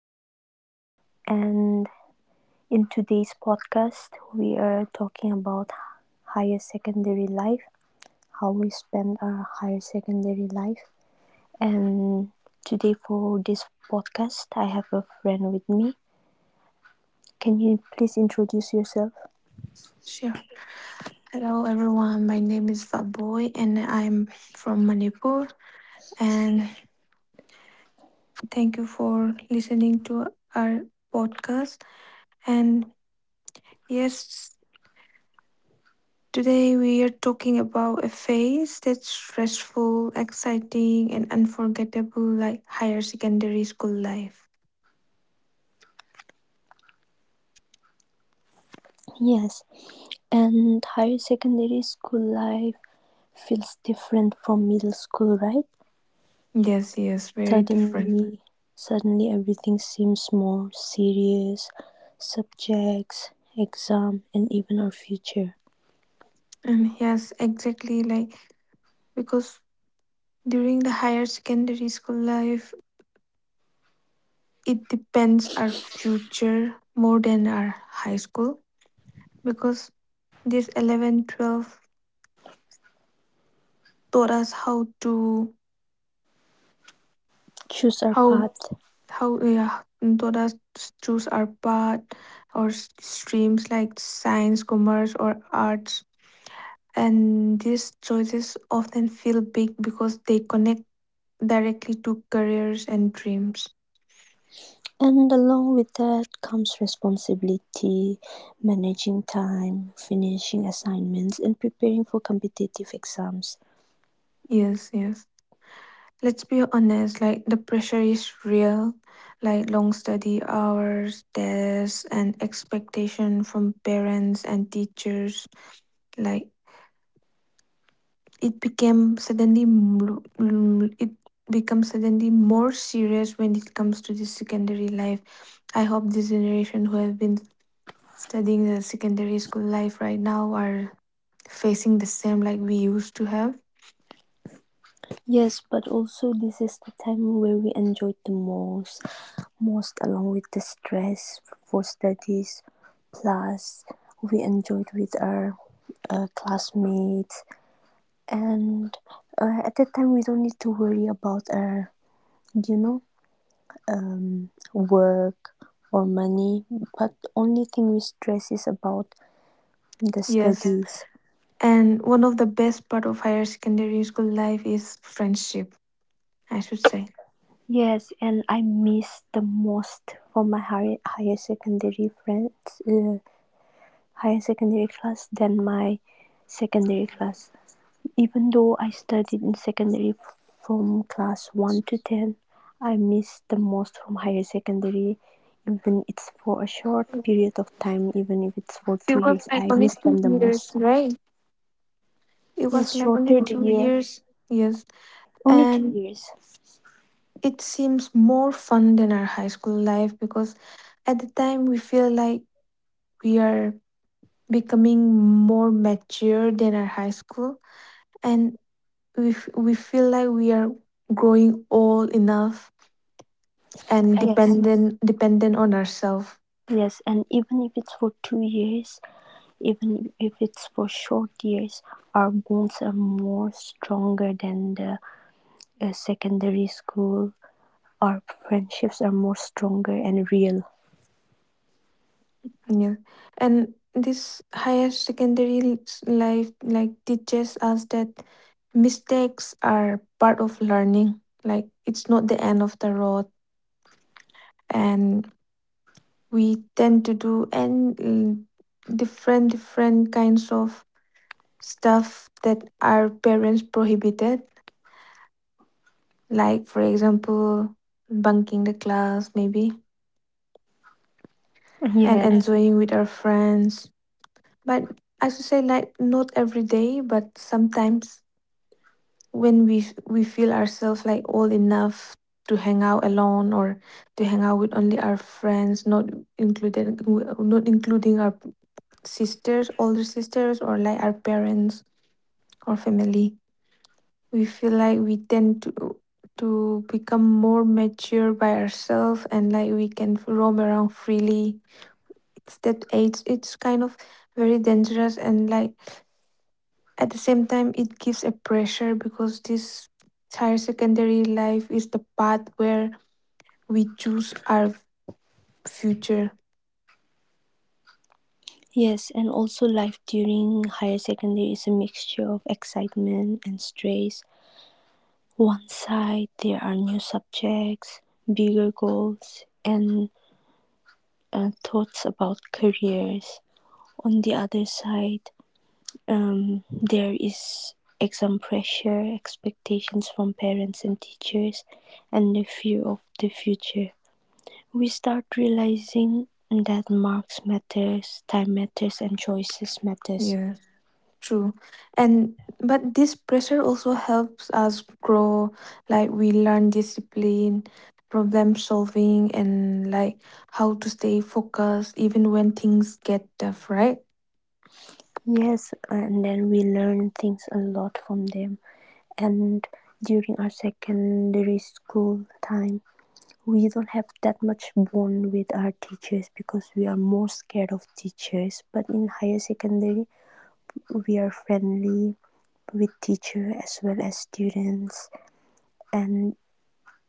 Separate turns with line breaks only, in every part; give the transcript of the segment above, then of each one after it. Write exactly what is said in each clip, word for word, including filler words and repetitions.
Vianney, and in today's podcast, we are talking about higher secondary life, how we spend our higher secondary life. And today, for this podcast, I have a friend with me. Can you please introduce yourself?
Sure. Hello, everyone. My name is Fatboy, and I'm from Manipur. And thank you for listening to our podcast. And yes, today we are talking about a phase that's stressful, exciting, and unforgettable, like higher secondary school life.
Yes, and higher secondary school life feels different from middle school, right?
Yes, yes, very different.
Suddenly, suddenly everything seems more serious. Subjects, exam, and even our future.
And yes, exactly like because during the higher secondary school life, it depends our future more than our high school because this eleven, twelve taught us how to
Choose our
how
path,
how yeah, taught us to choose our path or s- streams like science, commerce, or arts. And these choices often feel big because they connect directly to careers and dreams.
and along with that comes responsibility, managing time, finishing assignments, and preparing for competitive exams.
Yes yes Let's be honest, like the pressure is real, like long study hours, tests, and expectation from parents and teachers. Like it became suddenly, m- m- it becomes suddenly more serious when it comes to the secondary life. I hope this generation who have been studying the secondary school life right now are facing the same like we used to have.
Yes, but also this is the time where we enjoy the most most along with the stress for studies. Plus, we enjoyed with our uh, classmates, and uh, at that time we don't need to worry about our, you know, um, work or money. But only thing we stress is about the
Yes,
studies.
and one of the best part of higher secondary school life is friendship, I should say.
Yes, and I miss the most for my higher, higher secondary friends, uh, higher secondary class than my secondary class. Even though I studied in secondary from class one to ten, I missed the most from higher secondary, even it's for a short period of time, even if it's for
It
two
was
years,
like
I
only
miss them
two
the
years,
most.
right? It
Yes,
was like only
shorter the
two
year,
years, yes.
only two
And
years.
it seems more fun than our high school life because at the time we feel like we are becoming more mature than our high school, and we, f- we feel like we are growing old enough and
Yes,
dependent dependent on ourselves.
yes, and even if it's for two years, even if it's for short years, our bonds are more stronger than the uh, secondary school. Our friendships are more stronger and real.
Yeah, and this higher secondary l- s- life like teaches us that mistakes are part of learning. Like it's not the end of the road, and we tend to do and mm, different different kinds of stuff that our parents prohibited. Like for example, bunking the class maybe, and
Yes,
enjoying with our friends. But I should say, like, not every day, but sometimes when we f- we feel ourselves like old enough to hang out alone or to hang out with only our friends, not included w- not including our sisters, older sisters, or like our parents or family, we feel like we tend to to become more mature by ourselves, and like we can roam around freely. It's that age, it's kind of very dangerous, and like, at the same time, it gives a pressure because this higher secondary life is the path where we choose our future.
yes, and also life during higher secondary is a mixture of excitement and stress. One side, there are new subjects, bigger goals, and uh, thoughts about careers. On the other side, um, there is exam pressure, expectations from parents and teachers, and the fear of the future. We start realizing that marks matters, time matters, and choices matters.
Yeah, true. And but this pressure also helps us grow. Like we learn discipline, problem solving, and like how to stay focused even when things get tough, right?
Yes, and then we learn things a lot from them. And during our secondary school time, we don't have that much bond with our teachers because we are more scared of teachers. But in higher secondary, we are friendly with teacher as well as students, and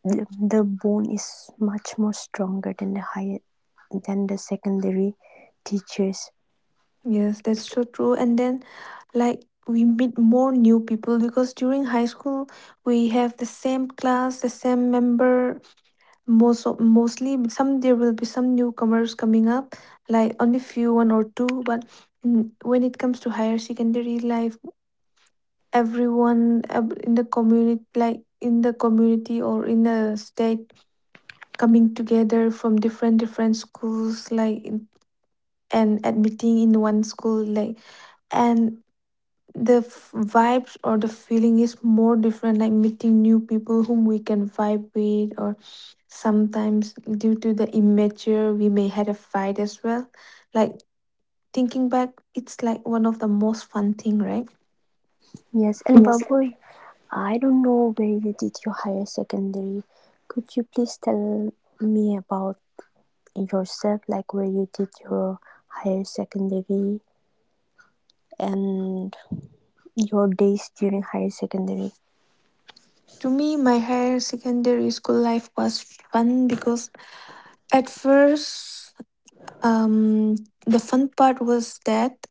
the, the bond is much more stronger than the higher than the secondary teachers.
Yes, that's so true. And then, like, we meet more new people because during high school we have the same class, the same member. Most of, mostly, but some, there will be some newcomers coming up, like only few, one or two. But mm, when it comes to higher secondary life, everyone ab- in the community, like in the community or in the state, coming together from different different schools, like in- and admitting in one school, like, and the f- vibes or the feeling is more different, like meeting new people whom we can vibe with, or sometimes due to the immature we may had a fight as well, like, thinking back, it's like one of the most fun thing, right?
Yes, and
Yes.
Babu, I don't know where you did your higher secondary. Could you please tell me about yourself, like where you did your higher secondary and your days during higher secondary?
To me, my higher secondary school life was fun because at first, um, the fun part was that,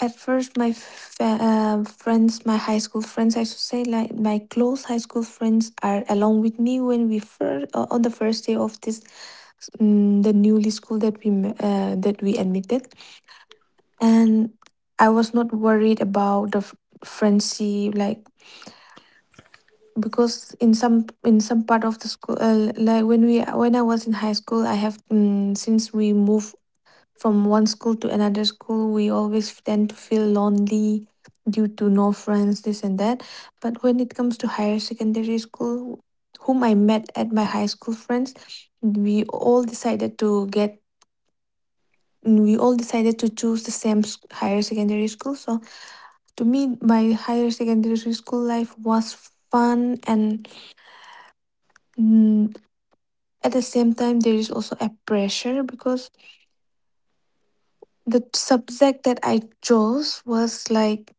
at first, my f- uh, friends, my high school friends, I should say, like my close high school friends are along with me when we first, uh, on the first day of this, um, the newly school that we m- uh, that we admitted, and I was not worried about the f- friendship, like, because in some in some part of the school, uh, like when we when I was in high school, I have, um, since we moved from one school to another school, we always tend to feel lonely due to no friends, this and that. But when it comes to higher secondary school, whom I met at my high school friends, we all decided to get we all decided to choose the same s- higher secondary school. So to me, my higher secondary school life was fun and, mm, at the same time there is also a pressure because the subject that I chose was like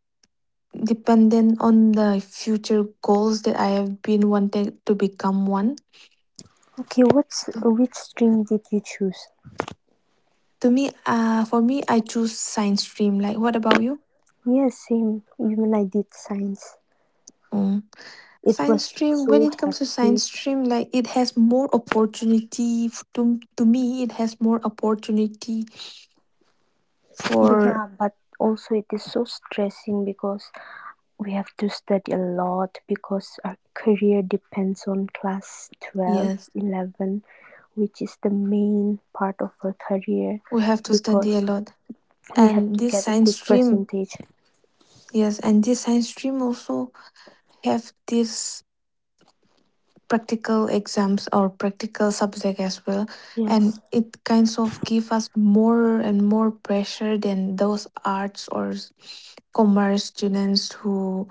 dependent on the future goals that I have been wanting to become one.
Okay, what's
So
which stream did you choose?
to me, uh, for me, I choose science stream. Like, what about you?
Yes, same. Even I did science.
Mm.
It
Science
was
stream. When
so
it comes to science
hectic,
stream, like it has more opportunity f- to to me. It has more opportunity
but
for,
yeah, but also it is so stressing because we have to study a lot because our career depends on class twelve,
yes.
eleven, which is the main part of our career
We have to study a
because
lot,
we have
and
to
this
get a
science
good
stream,
percentage.
yes, and this science stream also have this practical exams or practical subject as well, and
Yes,
it kinds of give us more and more pressure than those arts or s- commerce students who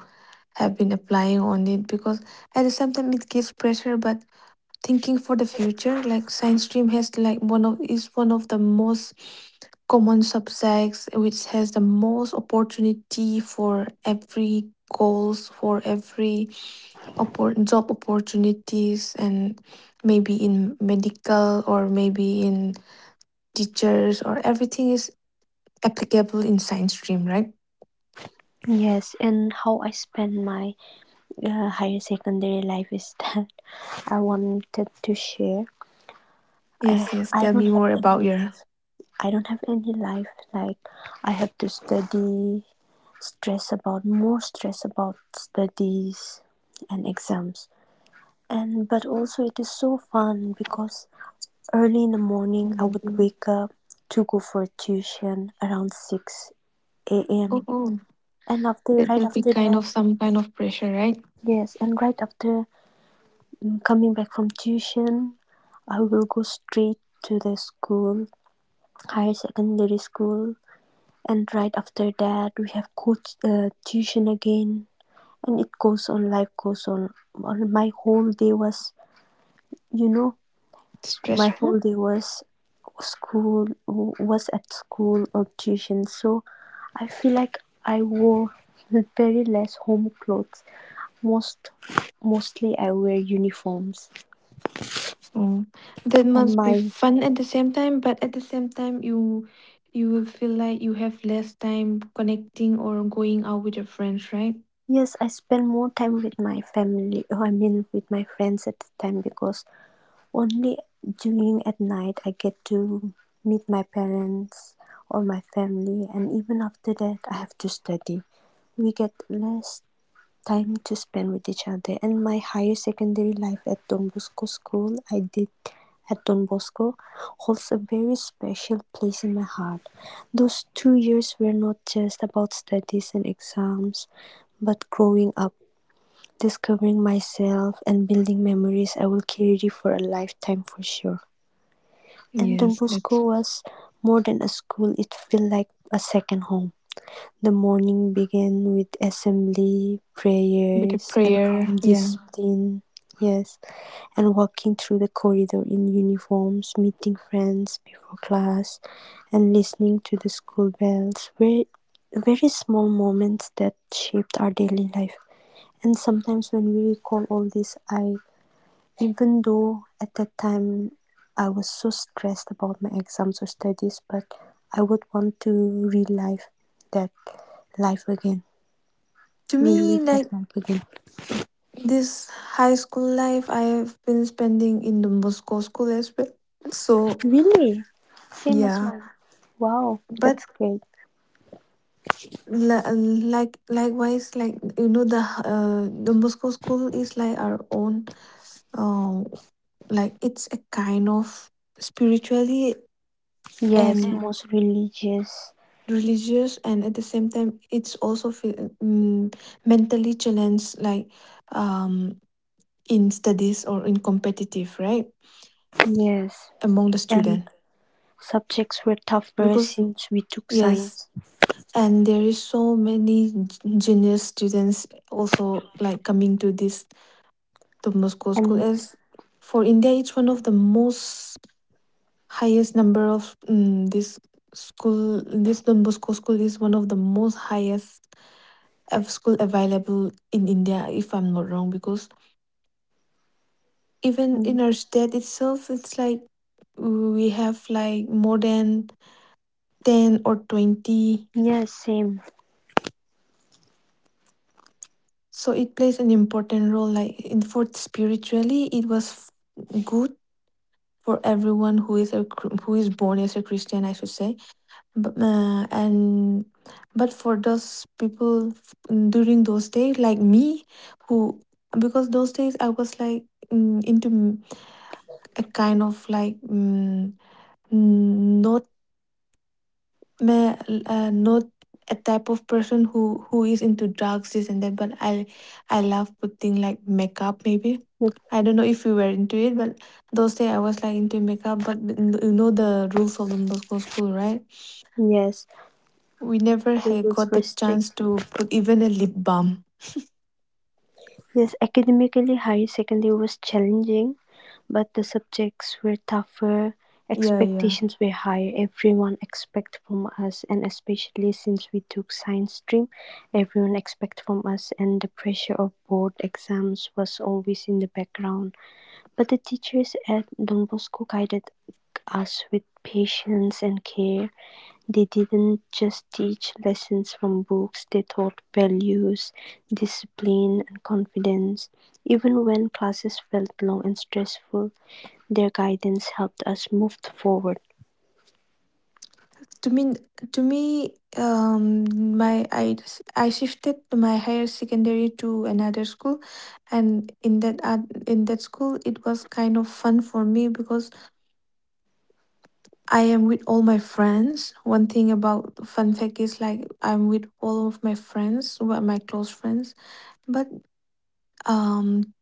have been applying on it because at the same time it gives pressure, but thinking for the future, like science stream has like one of is one of the most common subjects which has the most opportunity for every goals, for every oppor- job opportunities, and maybe in medical or maybe in teachers or everything is applicable in science stream, right?
yes, and how I spend my uh, higher secondary life is that I wanted to share. I,
Yes, yes,
I
tell
don't
me
have
more
any
about your.
life. I don't have any life, like I have to study, stress about more stress about studies and exams. And but also it is so fun because early in the morning I would wake up to go for tuition around 6
Oh,
a.m
oh,
and after
that
right
will be
after
kind
that.
of some kind of pressure, right?
Yes, and right after mm, coming back from tuition, I will go straight to the school, higher secondary school, and right after that we have coach uh, tuition again. And it goes on, life goes on on my whole day was you know my whole
Stressful.
day was school was at school or tuition. So I feel like I wore very less home clothes, most mostly I wear uniforms.
Oh, that
And
must be
my.
fun at the same time, but at the same time you, you will feel like you have less time connecting or going out with your friends, right?
Yes, I spend more time with my family, I mean, with my friends at the time, because only during at night I get to meet my parents or my family, and even after that I have to study. We get less time to spend with each other. And my higher secondary life at Don Bosco School, I did at Don Bosco, holds a very special place in my heart. Those two years were not just about studies and exams but growing up, discovering myself, and building memories I will carry for a lifetime for sure. And Don
Yes, that's
Bosco was more than a school, it felt like a second home. The morning began with assembly,
with a
prayers, and
prayer.
calm
Yeah.
discipline. Yes, and walking through the corridor in uniforms, meeting friends before class, and listening to the school bells were very small moments that shaped our daily life. And sometimes when we recall all this, I, even though at that time I was so stressed about my exams or studies, but I would want to relive that life again.
To me,
Relive that
like
life again.
this high school life I've been spending in the Moscow school as well. So
Really? Same as
yeah.
mine. Wow,
But
that's great.
li- like likewise, like, you know, the uh the Moscow school is like our own, um like it's a kind of spiritually
Yes,
and
most religious.
religious, and at the same time it's also fe- mm, mentally challenged like, um in studies or in competitive, right,
Yes.
among the
And
student,
subjects were tougher
because
since we took
yes,
science.
and there is so many g- genius students also like coming to this Tom Moscow school
And
as, for India it's one of the most highest number of, mm, this school, this Don Bosco school is one of the most highest of school available in India, if I'm not wrong, because even
mm,
in our state itself it's like we have like more than ten or twenty.
yes, same.
So it plays an important role, like in for spiritually it was f- good for everyone who is a Chri- who is born as a Christian, I should say. But uh, and but for those people f- during those days like me, who, because those days I was like, mm, into, mm, a kind of like, mm, mm, not, ma- uh, not a type of person who who is into drugs, this and that, but i i love putting like makeup maybe. I don't know if you were into it, but those days I was like into makeup, but mm, you know the rules of the Moscow school, right?
Yes,
We never
the
had
rules
got
were
the chance
strict.
to put even a lip balm.
Yes, academically, higher secondary was challenging, but the subjects were tougher,
Yeah, yeah.
expectations were higher. Everyone expect from us, and especially since we took science stream, everyone expect from us, and the pressure of board exams was always in the background. But the teachers at Don Bosco guided us with patience and care. They didn't just teach lessons from books, they taught values, discipline, and confidence. Even when classes felt long and stressful, their guidance helped us move forward.
To me, to me, um, my I I shifted my higher secondary to another school, and in that uh, in that school, it was kind of fun for me because I am with all my friends. One thing about fun fact is like I'm with all of my friends, who are my close friends. But um,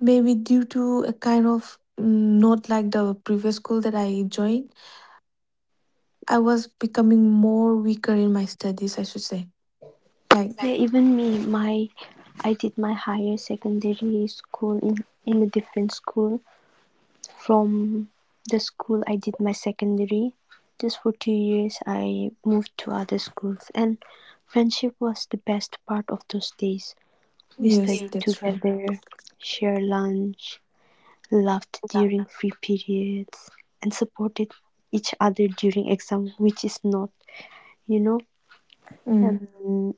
maybe due to a kind of, mm, not like the previous school that I joined, I was becoming more weaker in my studies, I should say. Like,
Yeah, even me, my I did my higher secondary school in, in a different school from the school I did my secondary. Just for two years, I moved to other schools, and friendship was the best part of those days. We, yeah,
yes,
studied
that's right.
together, shared lunch, laughed during free periods, and supported each other during exam, which is not, you know,
Mm.
um,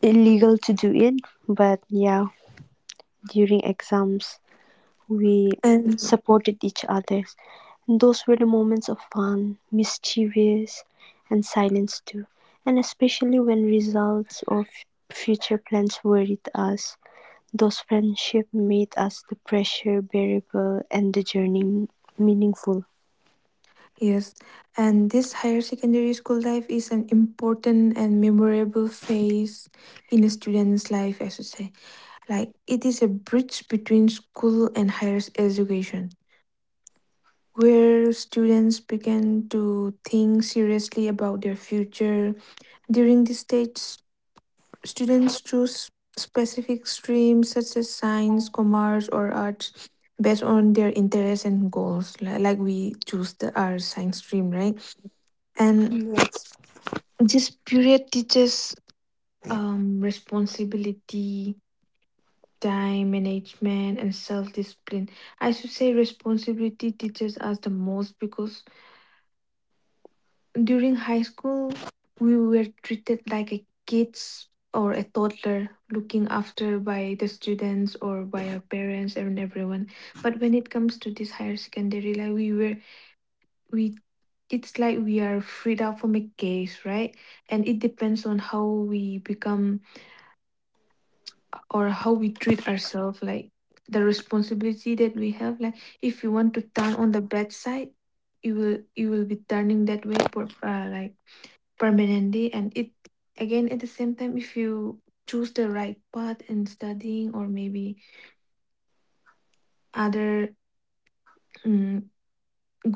illegal to do it. But yeah, during exams, we
And
supported each other. And those were the moments of fun, mischievous, and silence too. And especially when results or f- future plans worried us, those friendships made us the pressure bearable and the journey meaningful.
yes, and this higher secondary school life is an important and memorable phase in a student's life, I should say. Like, it is a bridge between school and higher education, where students begin to think seriously about their future. During this stage, students choose specific streams such as science, commerce, or arts based on their interests and goals. li- Like we choose the our science stream, right? And
Yes.
this period teaches, um, responsibility, time management, and self discipline. I should say responsibility teaches us the most because during high school, we were treated like a kids or a toddler looking after by the students or by our parents and everyone. But when it comes to this higher secondary, like we were we it's like we are freed out from a cage, right? And it depends on how we become or how we treat ourselves, like the responsibility that we have. Like if you want to turn on the bad side, you will you will be turning that way for uh, like permanently. And it, again at the same time, if you choose the right path in studying, or maybe other mm,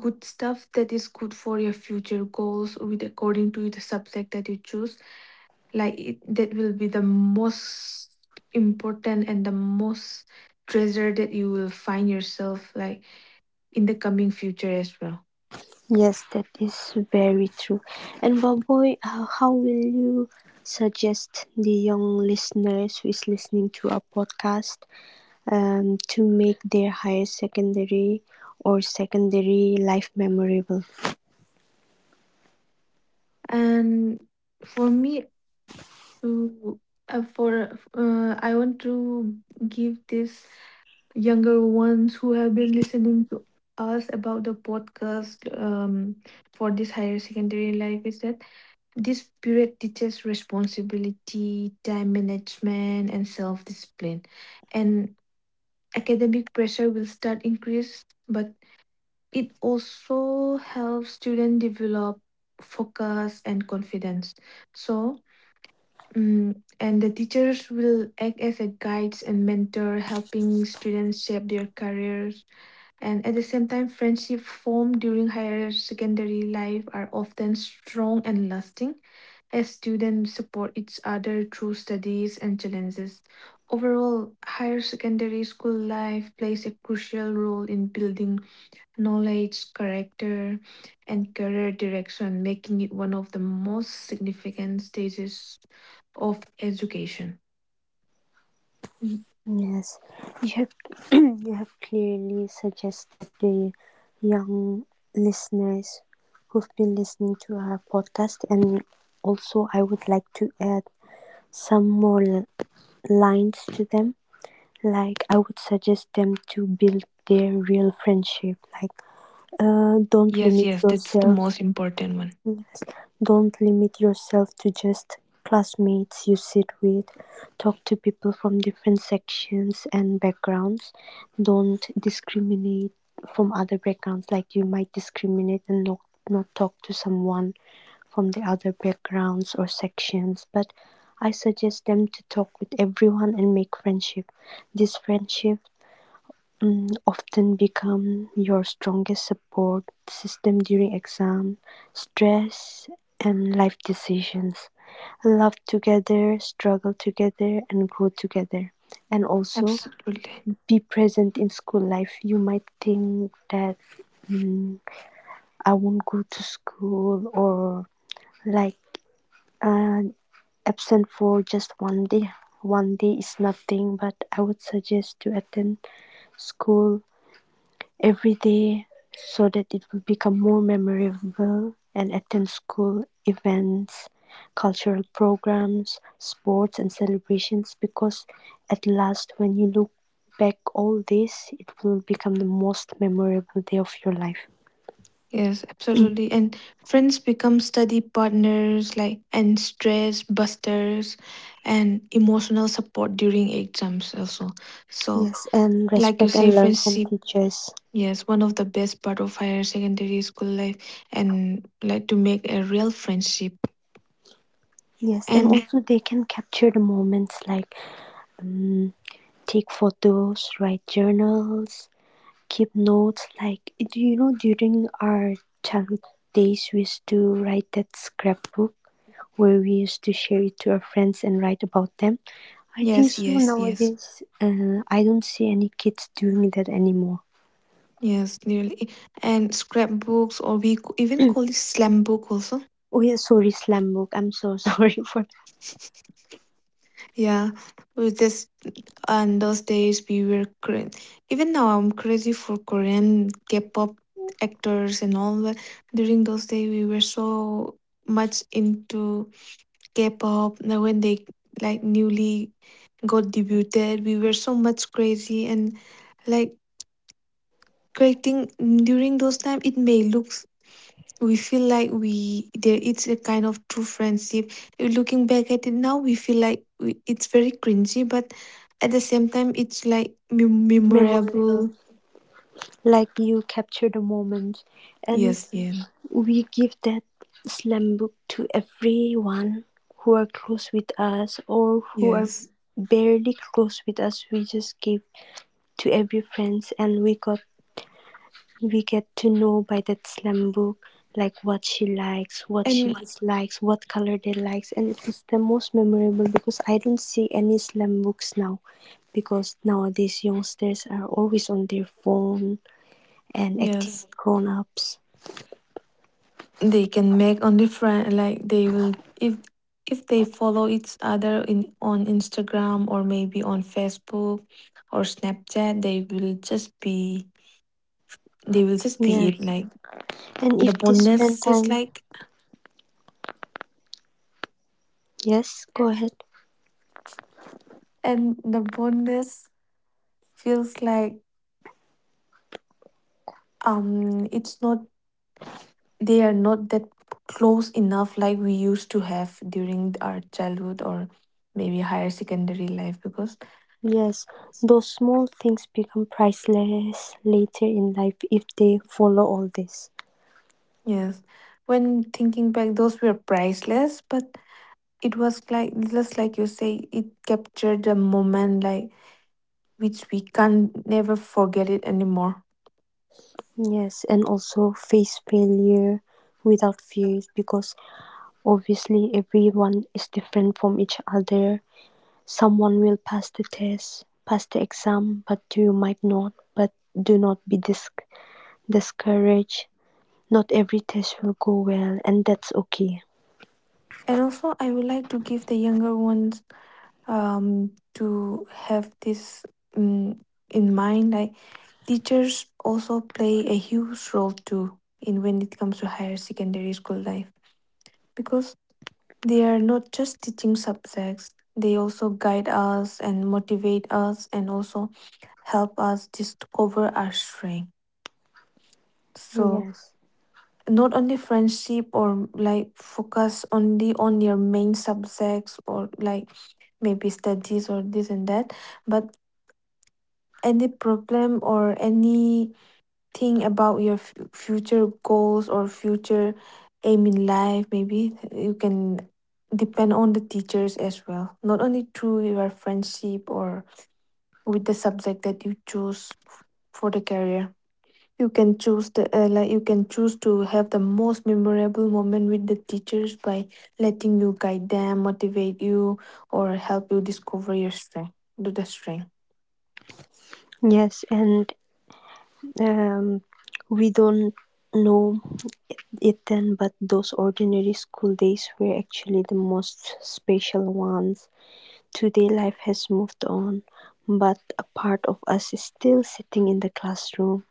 good stuff that is good for your future goals with according to the subject that you choose, like it, that will be the most important and the most treasure that you will find yourself like in the coming future as well.
Yes, that is very true. And Baboy, uh, how will you suggest the young listeners who is listening to our podcast um, to make their higher secondary or secondary life memorable?
And for me, to uh, for uh, I want to give this younger ones who have been listening to us about the podcast, um, for this higher secondary life is that this period teaches responsibility, time management, and self discipline. And academic pressure will start increase, but it also helps students develop focus and confidence. So, mm, and the teachers will act as a guides and mentor, helping students shape their careers, and at the same time, friendships formed during higher secondary life are often strong and lasting as students support each other through studies and challenges. Overall, higher secondary school life plays a crucial role in building knowledge, character, and career direction, making it one of the most significant stages of education. Mm.
Yes, you have you have clearly suggested the young listeners who've been listening to our podcast, and also I would like to add some more l- lines to them. Like I would suggest them to build their real friendship. Like, uh, don't
Yes,
limit
yes, that's the
yourself.
most important one.
Don't limit yourself to just classmates you sit with. Talk to people from different sections and backgrounds. Don't discriminate from other backgrounds, like you might discriminate and not, not talk to someone from the other backgrounds or sections. But I suggest them to talk with everyone and make friendship. This friendship mm, often become your strongest support system during exam, stress, and life decisions. Love together, struggle together, and grow together. And also
Absolutely.
be present in school life. You might think that mm, I won't go to school or like uh, absent for just one day. One day is nothing, but I would suggest to attend school every day so that it will become more memorable and attend school events, cultural programs, sports and celebrations, because at last when you look back all this, it will become the most memorable day of your life.
Yes, absolutely. And friends become study partners, like, and stress busters and emotional support during exams, also. So,
Yes, and
like you
respect
say,
and learn from
friendship,
teachers.
yes, one of the best part of higher secondary school life, and like to make a real friendship.
Yes, and
And
also they can capture the moments, like um, take photos, write journals, keep notes. Like, do you know, during our childhood days, we used to write that scrapbook where we used to share it to our friends and write about them. I think
yes,
so
yes, yes,
nowadays, uh, I don't see any kids doing that anymore.
yes, nearly. And scrapbooks, or we co- even call it slam book, also.
Oh yeah, sorry, slam book. I'm so sorry for that.
Yeah, we just, and those days we were Korean. Even now, I'm crazy for Korean K-pop actors and all that. During those days, we were so much into K-pop. Now, when they like newly got debuted, we were so much crazy and like creating during those time. It may look, we feel like we there, it's a kind of true friendship. Looking back at it now, we feel like we, it's very cringy, but at the same time, it's like mem-
Memorable.
memorable.
Like you capture the moment, and
Yes, yeah.
we give that slam book to everyone who are close with us or who are
Yes,
barely close with us. We just give to every friends, and we got we get to know by that slam book, like what she likes, what she
and
dislikes, what color they likes. And it is the most memorable because I don't see any slam books now, because nowadays youngsters are always on their phone and acting
yes,
like grown ups.
they can make only friend like they will, if if they follow each other in on Instagram, or maybe on Facebook or Snapchat, they will just be, they will just be it
Yes.
like
And if
the
they spend
bondness is
time.
like,
Yes, go ahead.
and the fondness feels like, um it's not, they are not that close enough like we used to have during our childhood, or maybe higher secondary life. Because
Yes, those small things become priceless later in life if they follow all this.
yes, when thinking back, those were priceless, but it was like, just like you say, it captured a moment like which we can't never forget it anymore.
Yes, and also face failure without fears, because obviously everyone is different from each other. Someone will pass the test, pass the exam, but you might not. But do not be dis- discouraged. Not every test will go well, and that's okay.
And also, I would like to give the younger ones, um to have this, um, in mind like teachers also play a huge role too in when it comes to higher secondary school life, because they are not just teaching subjects, they also guide us and motivate us, and also help us discover our strength. So
Yes.
not only friendship, or like focus only on your main subjects, or like maybe studies or this and that, but any problem or any, think about your f- future goals or future aim in life, maybe you can depend on the teachers as well, not only through your friendship, or with the subject that you choose f- for the career. You can choose the uh, like, you can choose to have the most memorable moment with the teachers by letting you guide them, motivate you, or help you discover your strength, do the strength.
Yes, and Um, we don't know it then, but those ordinary school days were actually the most special ones. Today, life has moved on, but a part of us is still sitting in the classroom,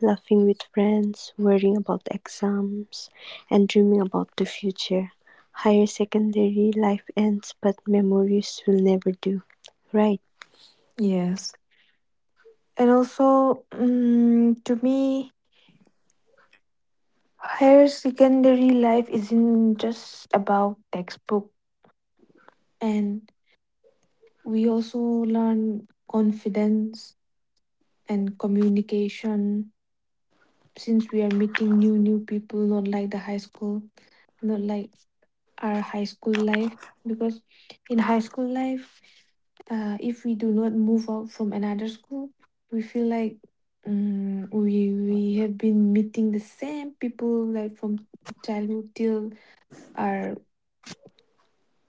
laughing with friends, worrying about exams, and dreaming about the future. Higher secondary life ends, but memories will never do. Right?
Yes. And also, mm, to me, higher secondary life isn't just about textbook. And we also learn confidence and communication, since we are meeting new new people, not like the high school, not like our high school life. Because in high school life, uh, if we do not move out from another school, we feel like, um, we we have been meeting the same people like from childhood till our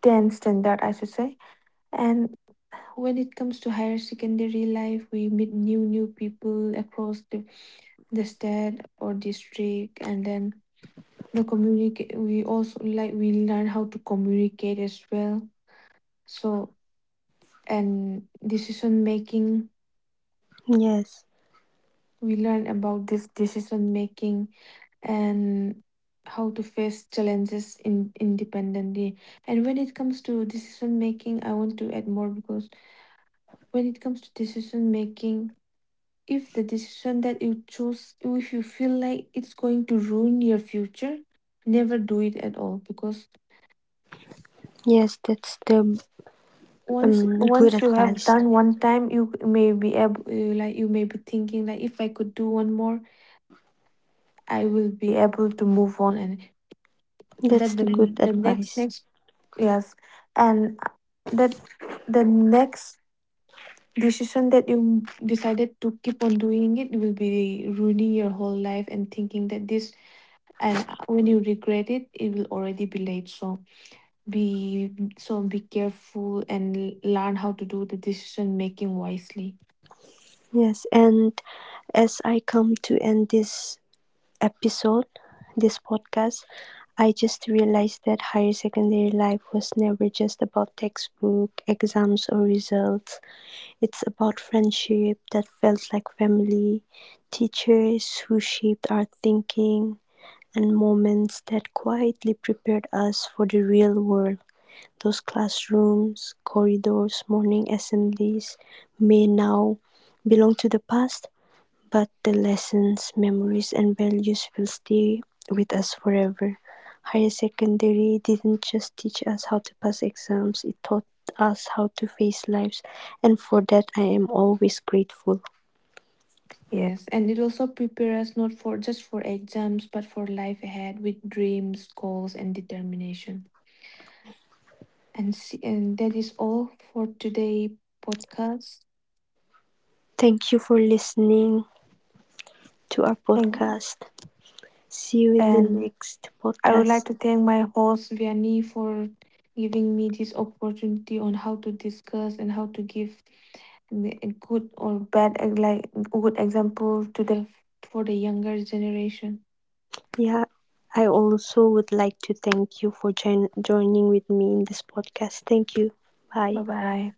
tenth standard, I should say. And when it comes to higher secondary life, we meet new new people across the, the state or district. And then the communicate, we also like, we learn how to communicate as well. So, and decision making.
Yes.
We learn about this decision making, and how to face challenges in independently. And when it comes to decision making, I want to add more, because when it comes to decision making, if the decision that you choose, if you feel like it's going to ruin your future, never do it at all. Because
Yes, that's the
once
um, good
once you have
advice.
done one time you may be able, like you may be thinking like if I could do one more I will be able to move on, and
That's
that the
the good
the next
advice.
next yes, and uh, that the next decision that you decided to keep on doing, it will be ruining your whole life and thinking that this, and uh, when you regret it, it will already be late. So be, so be careful, and learn how to do the decision making wisely.
Yes, and as I come to end this episode, this podcast, I just realized that higher secondary life was never just about textbook, exams, or results. It's about friendship that felt like family, teachers who shaped our thinking, and moments that quietly prepared us for the real world. Those classrooms, corridors, morning assemblies may now belong to the past, but the lessons, memories, and values will stay with us forever. Higher secondary didn't just teach us how to pass exams, it taught us how to face lives, and for that, I am always grateful.
Yes, and it also prepares us not for just for exams, but for life ahead with dreams, goals, and determination. And see, and that is all for today podcast.
Thank you for listening to our
Thank.
podcast. See you in the
And
next
I would like
podcast.
to thank my host Vianney for giving me this opportunity on how to discuss and how to give the- a good or bad, eh, like good example to the, for the younger generation.
Yeah, I also would like to thank you for join- joining with me in this podcast. Thank you.
Bye
Bye.
bye.